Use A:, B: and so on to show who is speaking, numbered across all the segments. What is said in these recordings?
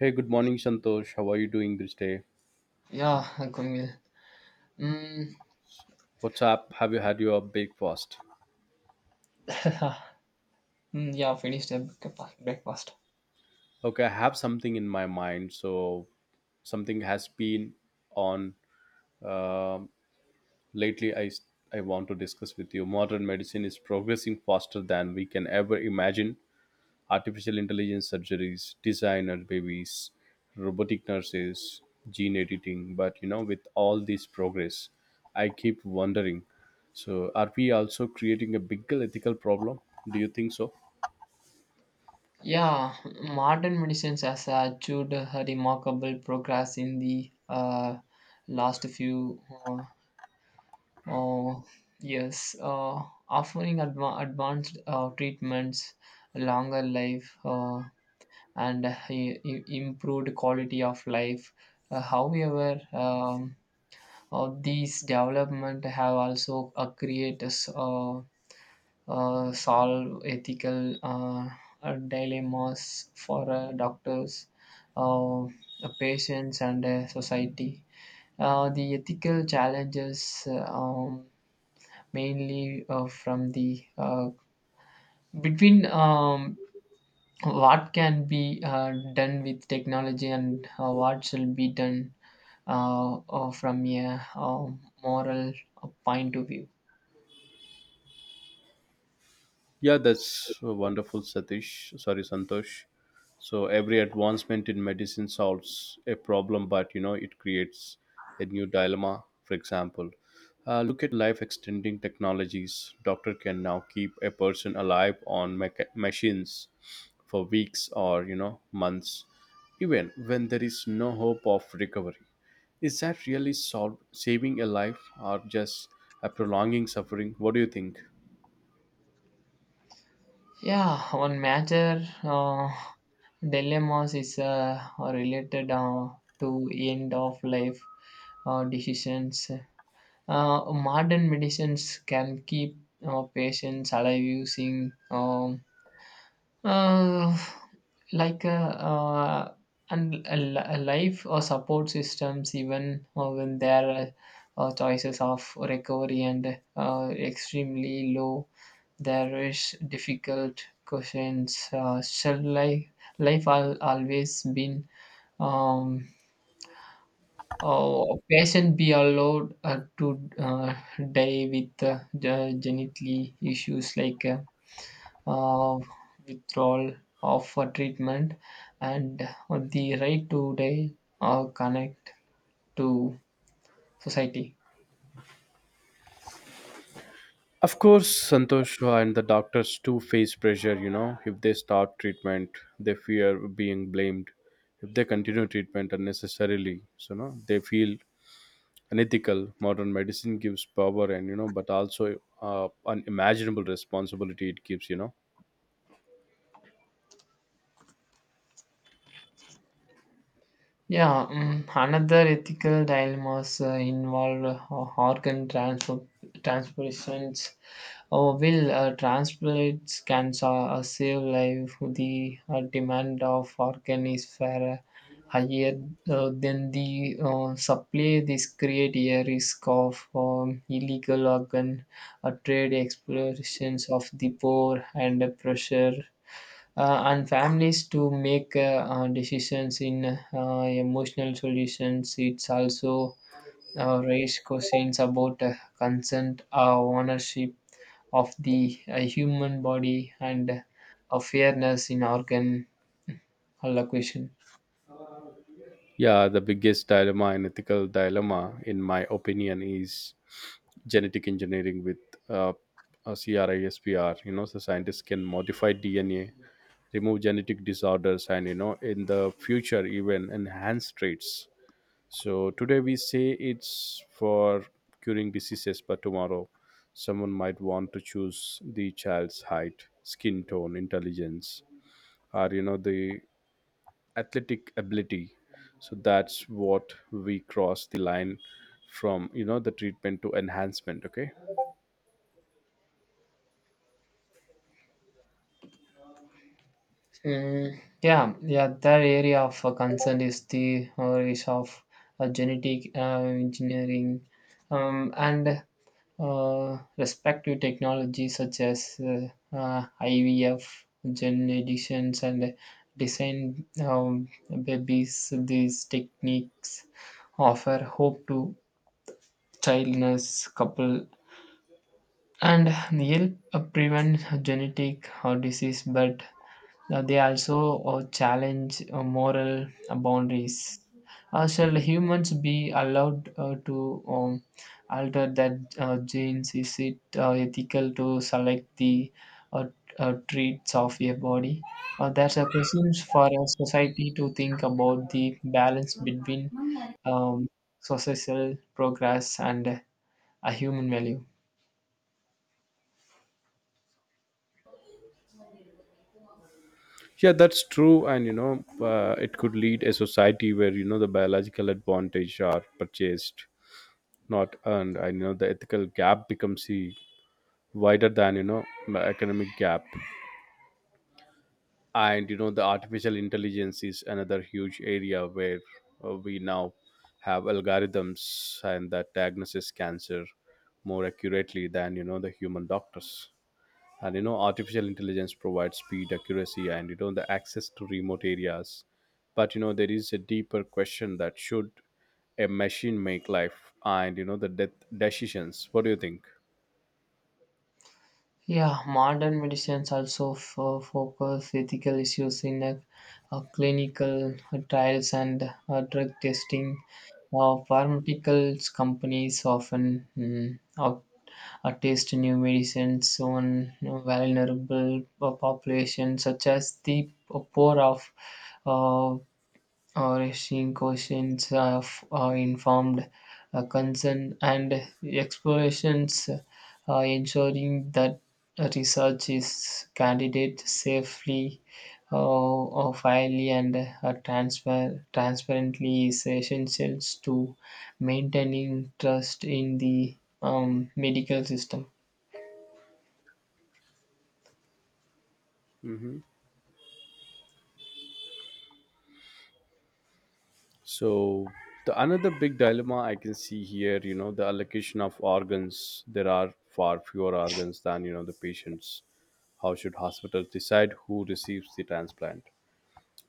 A: Hey, good morning, Santosh. How are you doing this day?
B: Yeah, going well. Mm,
A: What's up? Have you had your breakfast?
B: mm, yeah, finished the breakfast.
A: Okay, I have something in my mind. So, something has been on um lately. I want to discuss with you. Modern medicine is progressing faster than we can ever imagine: artificial intelligence surgeries, designer babies, robotic nurses, gene editing. But you know, with all this progress, I keep wondering, so are we also creating a bigger ethical problem? Do you think so?
B: Yeah, modern medicines has achieved a remarkable progress in the last few uh, years, offering advanced treatments, longer life, and improved quality of life. However, these development have also created uh, solve ethical dilemmas for doctors, uh, the patients, and society. The ethical challenges mainly from the between what can be done with technology and what shall be done from a moral point of view.
A: Yeah, that's wonderful, Satish. Sorry, Santosh. So every advancement in medicine solves a problem, but you know it creates a new dilemma. For example, look at life-extending technologies. Doctor can now keep a person alive on machines for weeks or you know months, even when there is no hope of recovery. Is that really saving a life or just a prolonging suffering? What do you think?
B: Yeah, one major dilemmas is related to end of life decisions. Modern medicines can keep patients alive using uh, like and a life or support systems, even when there are choices of recovery and extremely low, there is difficult questions. Shall life always been um, oh, patient be allowed to die with the genitally issues like uh, withdrawal of a treatment, and the right to day connect to society.
A: Of course, Santosh, and the doctors too face pressure, you know. If they start treatment, they fear being blamed. If they continue treatment unnecessarily, so no, they feel unethical. Modern medicine gives power and, you know, but also unimaginable responsibility it gives, you know.
B: Yeah, another ethical dilemmas involve organ transfer, transfusions. Oh, will transplants can save life. The demand of organ is far higher than the supply. This create a risk of illegal organ trade, explorations of the poor, and pressure on families to make decisions in emotional solutions. It's also raise questions about consent, ownership of the human body and a fairness in organ allocation.
A: Yeah, the biggest dilemma and ethical dilemma, in my opinion, is genetic engineering with uh, CRISPR. You know, the scientists can modify DNA, remove genetic disorders, and you know, in the future, even enhance traits. So today we say it's for curing diseases, but tomorrow someone might want to choose the child's height, skin tone, intelligence, or you know, the athletic ability. So that's what we cross the line from you know the treatment to enhancement. Okay.
B: Mm, yeah, yeah. That area of concern is the is of genetic engineering and respective technologies such as IVF, gene editions, and design babies. These techniques offer hope to childless couple and help prevent genetic disease but they also challenge moral boundaries. Shall humans be allowed to alter that genes? Is it ethical to select the uh, traits of a body? That's a question for a society to think about the balance between um, societal progress and a human value.
A: Yeah, that's true, and you know, it could lead a society where you know the biological advantage are purchased, not earned, and you know the ethical gap becomes the wider than you know the economic gap. And you know the artificial intelligence is another huge area where we now have algorithms and that diagnoses cancer more accurately than you know the human doctors. And you know artificial intelligence provides speed accuracy and you know the access to remote areas, but you know there is a deeper question that should a machine make life and you know the death decisions. What do you think?
B: Yeah, modern medicines also focus ethical issues in clinical trials and drug testing. Pharmaceuticals companies often test new medicines on you know, vulnerable populations such as the poor of uh, or asking questions of informed consent and explorations, ensuring that research is candidate safely, or fairly, and transparently is essential to maintaining trust in the medical system.
A: So the another big dilemma I can see here, you know, the allocation of organs. There are far fewer organs than you know the patients. How should hospitals decide who receives the transplant?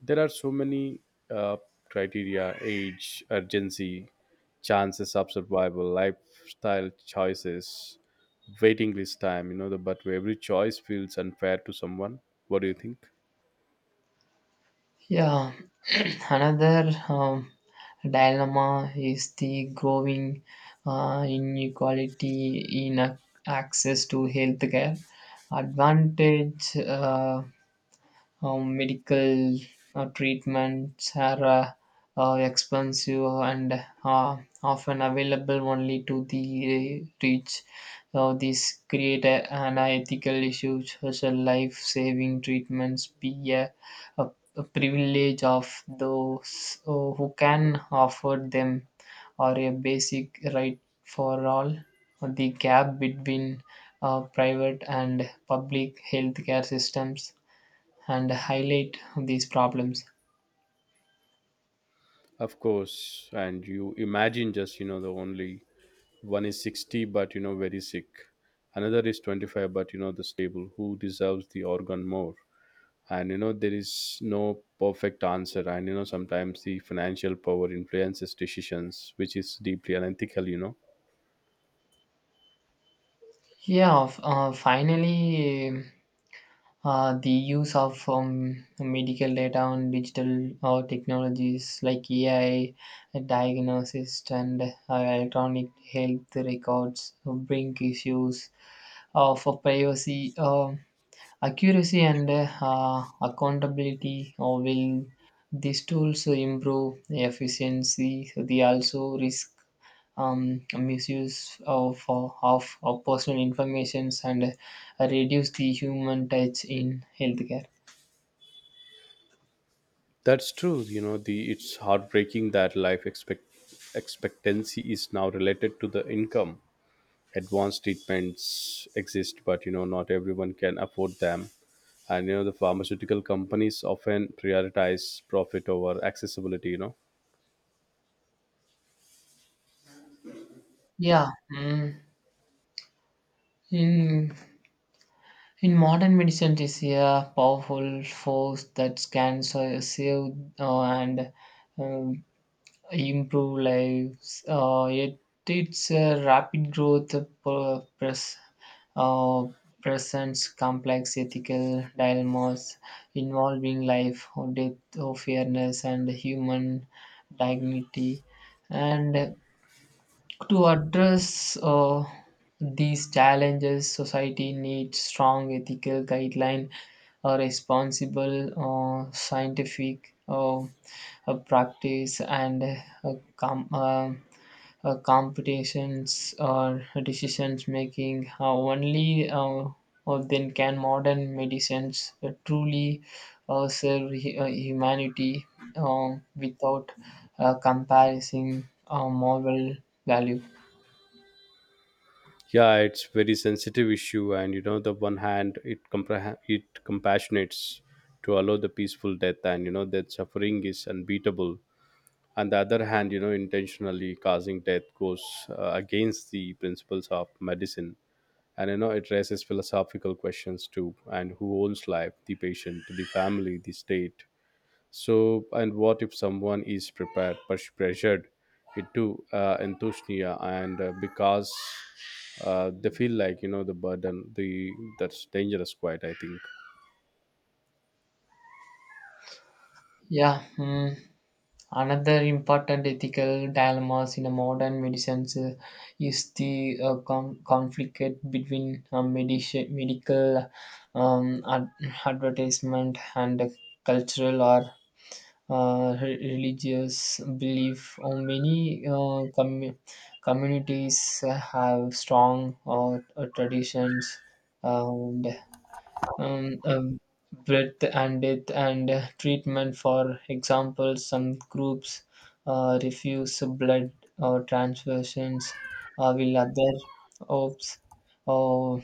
A: There are so many uh, criteria, age, urgency, chances of survival, lifestyle choices, waiting list time, you know the, but every choice feels unfair to someone. What do you think?
B: Yeah, another dilemma is the growing inequality in access to healthcare. Advantage medical treatments are expensive and uh, often available only to the rich. So these create an ethical issue. Such life-saving treatments be a, a privilege of those who can afford them, or a basic right for all. The gap between private and public healthcare systems and highlight these problems.
A: Of course, and you imagine, just you know, the only one is 60 but you know very sick, another is 25 but you know the stable. Who deserves the organ more? And you know there is no perfect answer, and you know sometimes the financial power influences decisions which is deeply unethical, you know.
B: Yeah, finally, the use of medical data on digital technologies like AI, diagnosis, and electronic health records bring issues of privacy. Accuracy and accountability or will these tools improve efficiency. They also risk misuse of personal information and reduce the human touch in healthcare.
A: That's true, you know the it's heartbreaking that life expectancy is now related to the income. Advanced treatments exist but you know not everyone can afford them, and you know the pharmaceutical companies often prioritize profit over accessibility, you know.
B: Yeah. Mm. In in modern medicine, is a powerful force that can save and uh, improve lives. It's a rapid growth uh, presents complex ethical dilemmas involving life or death or fairness and human dignity. And to address these challenges, society needs strong ethical guideline, a responsible scientific practice, and competitions or decisions making. Only then can modern medicines truly serve humanity uh, without comparison moral value.
A: Yeah, it's very sensitive issue, and you know the one hand it it compassionates to allow the peaceful death, and you know that suffering is unbeatable. On the other hand, you know intentionally causing death goes against the principles of medicine, and you know it raises philosophical questions too. And who owns life, the patient, the family, the state? So, and what if someone is prepared but pressured into enthusiasm and because they feel like you know the burden, the that's dangerous. Quite, I think.
B: Yeah, mm. Another important ethical dilemmas in a modern medicine is the conflict between medical um, ad- advertisement and cultural or religious belief. Many communities have strong traditions uh, um, um, breadth and depth and treatment. For example, some groups refuse blood or transfusions, while other opts or,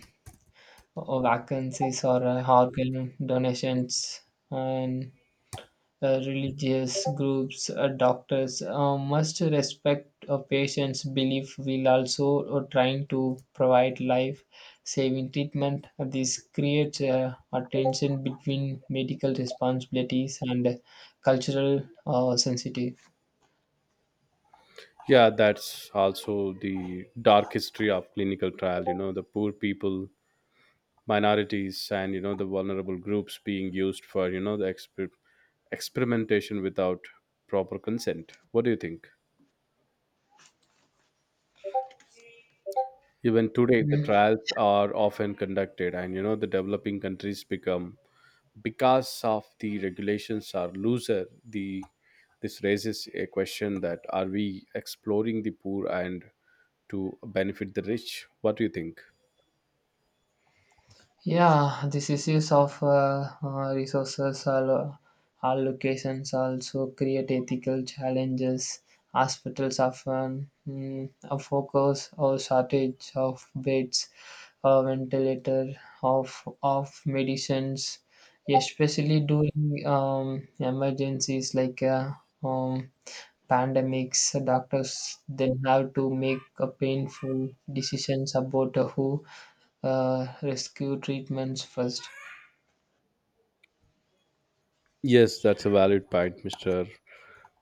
B: or vacancies or organ donations. And religious groups, doctors must respect a patient's belief while also trying to provide life saving treatment. This creates a tension between medical responsibilities and cultural sensitive.
A: Yeah, that's also the dark history of clinical trial. You know, the poor people, minorities, and you know the vulnerable groups being used for you know the experimentation without proper consent. What do you think? Even today, the
B: Mm,
A: trials are often conducted, and you know the developing countries become because of the regulations are looser. The this raises a question that are we exploring the poor and to benefit the rich? What do you think?
B: yeah, these issues of resources allocations also create ethical challenges. Hospitals often a focus or shortage of beds, ventilator, of medicines, especially during emergencies like um, pandemics. Doctors then have to make a painful decisions about who rescue treatments first.
A: Yes, that's a valid point, Mr.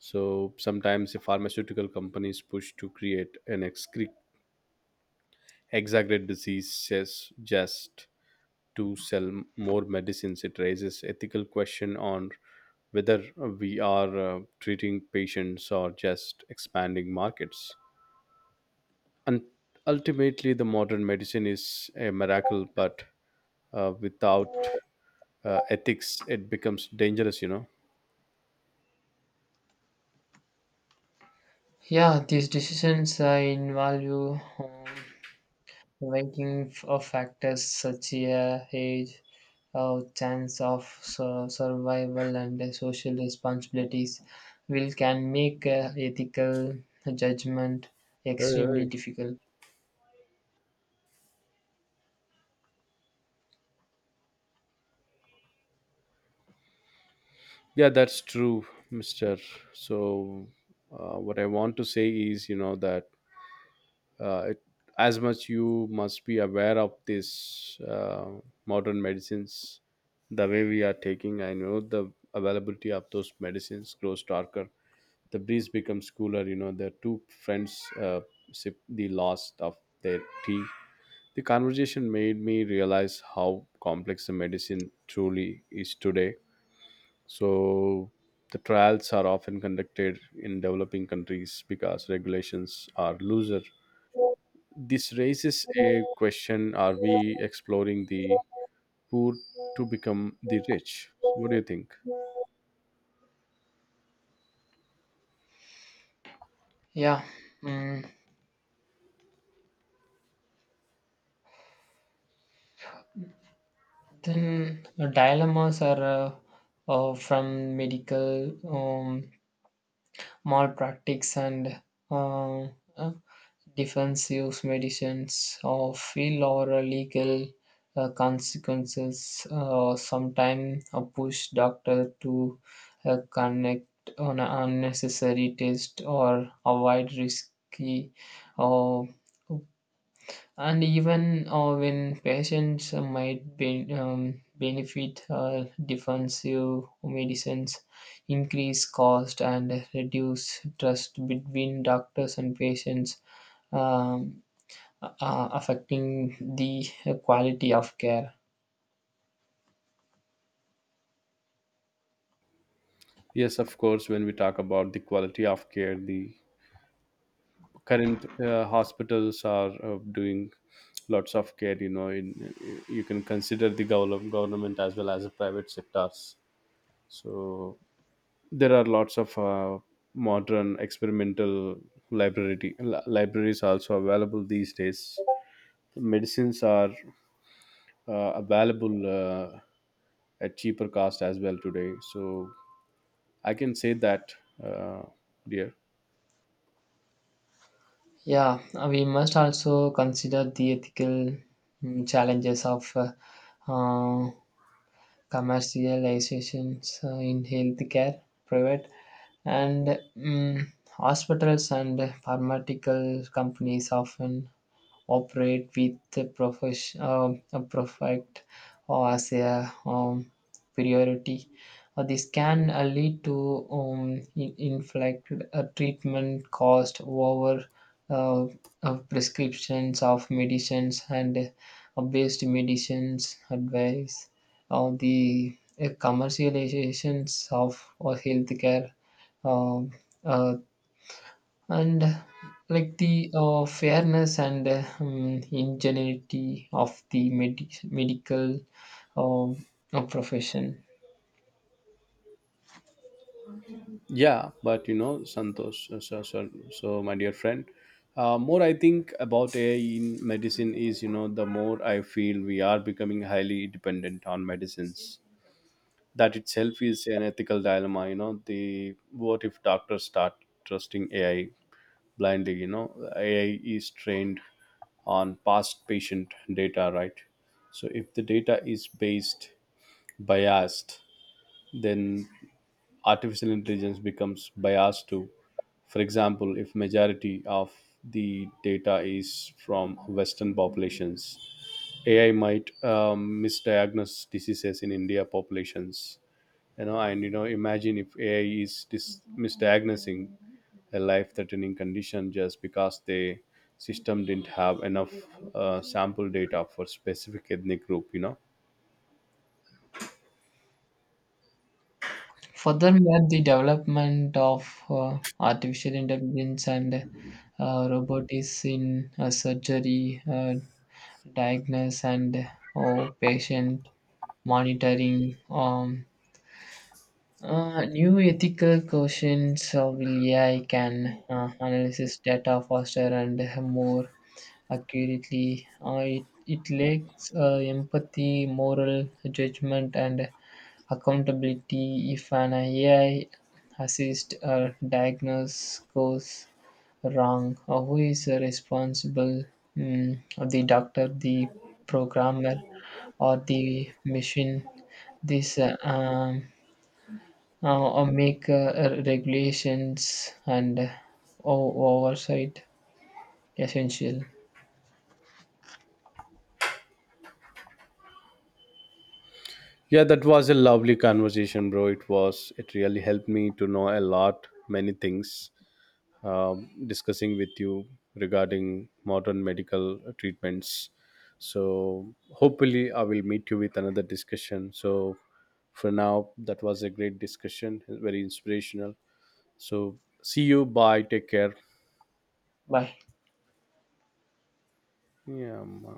A: So sometimes the pharmaceutical companies push to create an exaggerate disease, just to sell more medicines. It raises ethical question on whether we are treating patients or just expanding markets. And ultimately the modern medicine is a miracle, but without ethics it becomes dangerous, you know.
B: Yeah, these decisions involve you ranking of factors such as age, chance of survival, and social responsibilities, will can make ethical judgment
A: Hey,
B: extremely
A: hey.
B: difficult.
A: Yeah, that's true, mister. So, what I want to say is, you know, that it, as much you must be aware of this modern medicines, the way we are taking, I know the availability of those medicines grows darker, the breeze becomes cooler, you know, the two friends sip the last of their tea. The conversation made me realize how complex the medicine truly is today. So the trials are often conducted in developing countries because regulations are looser. This raises a question, are we exploring the poor to become the rich? So what do you think?
B: Yeah. Mm. Then dilemmas are from medical malpractice and uh, uh, defensive medicines or feel or legal consequences sometimes push doctor to connect on unnecessary test or avoid risky uh, and even when patients might benefit, defensive medicines increase cost and reduce trust between doctors and patients, um, affecting the quality of care.
A: Yes, of course. When we talk about the quality of care, the current hospitals are doing lots of care, you know. In, you can consider the government as well as the private sectors. So there are lots of modern experimental library libraries also available these days. Medicines are available at cheaper cost as well today. So I can say that, uh, dear.
B: Yeah, we must also consider the ethical challenges of uh, commercializations in healthcare, private and mm, hospitals and pharmaceutical companies often operate with a perfect or as a priority. This can lead to inflict a treatment cost over uh, of prescriptions of medicines and based medicines advice or the commercializations of healthcare uh, uh, and like the fairness and ingenuity of the medical um, profession.
A: Yeah, but you know, Santosh, so my dear friend, more I think about AI in medicine is, you know, the more I feel we are becoming highly dependent on medicines. That itself is an ethical dilemma, you know, the what if doctors start trusting AI blindly, you know. AI is trained on past patient data, right? So if the data is based biased, then artificial intelligence becomes biased too. For example, if majority of the data is from western populations, AI might misdiagnose diseases in India populations, you know. And you know, imagine if AI is misdiagnosing a life threatening condition just because the system didn't have enough sample data for specific ethnic group, you know.
B: Furthermore, the development of artificial intelligence and robotics in surgery, diagnosis, and patient monitoring. New ethical questions of AI can analysis data faster and more accurately. It lacks empathy, moral judgment, and accountability. If an AI assist diagnose goes wrong, who is responsible? Mm, the doctor, the programmer, or the machine? This or make regulations and oversight essential.
A: Yeah, that was a lovely conversation, bro. It really helped me to know a lot many things. Discussing with you regarding modern medical treatments. So hopefully I will meet you with another discussion. So for now, that was a great discussion, very inspirational. So see you, bye, take care.
B: Bye.
A: Yeah, man.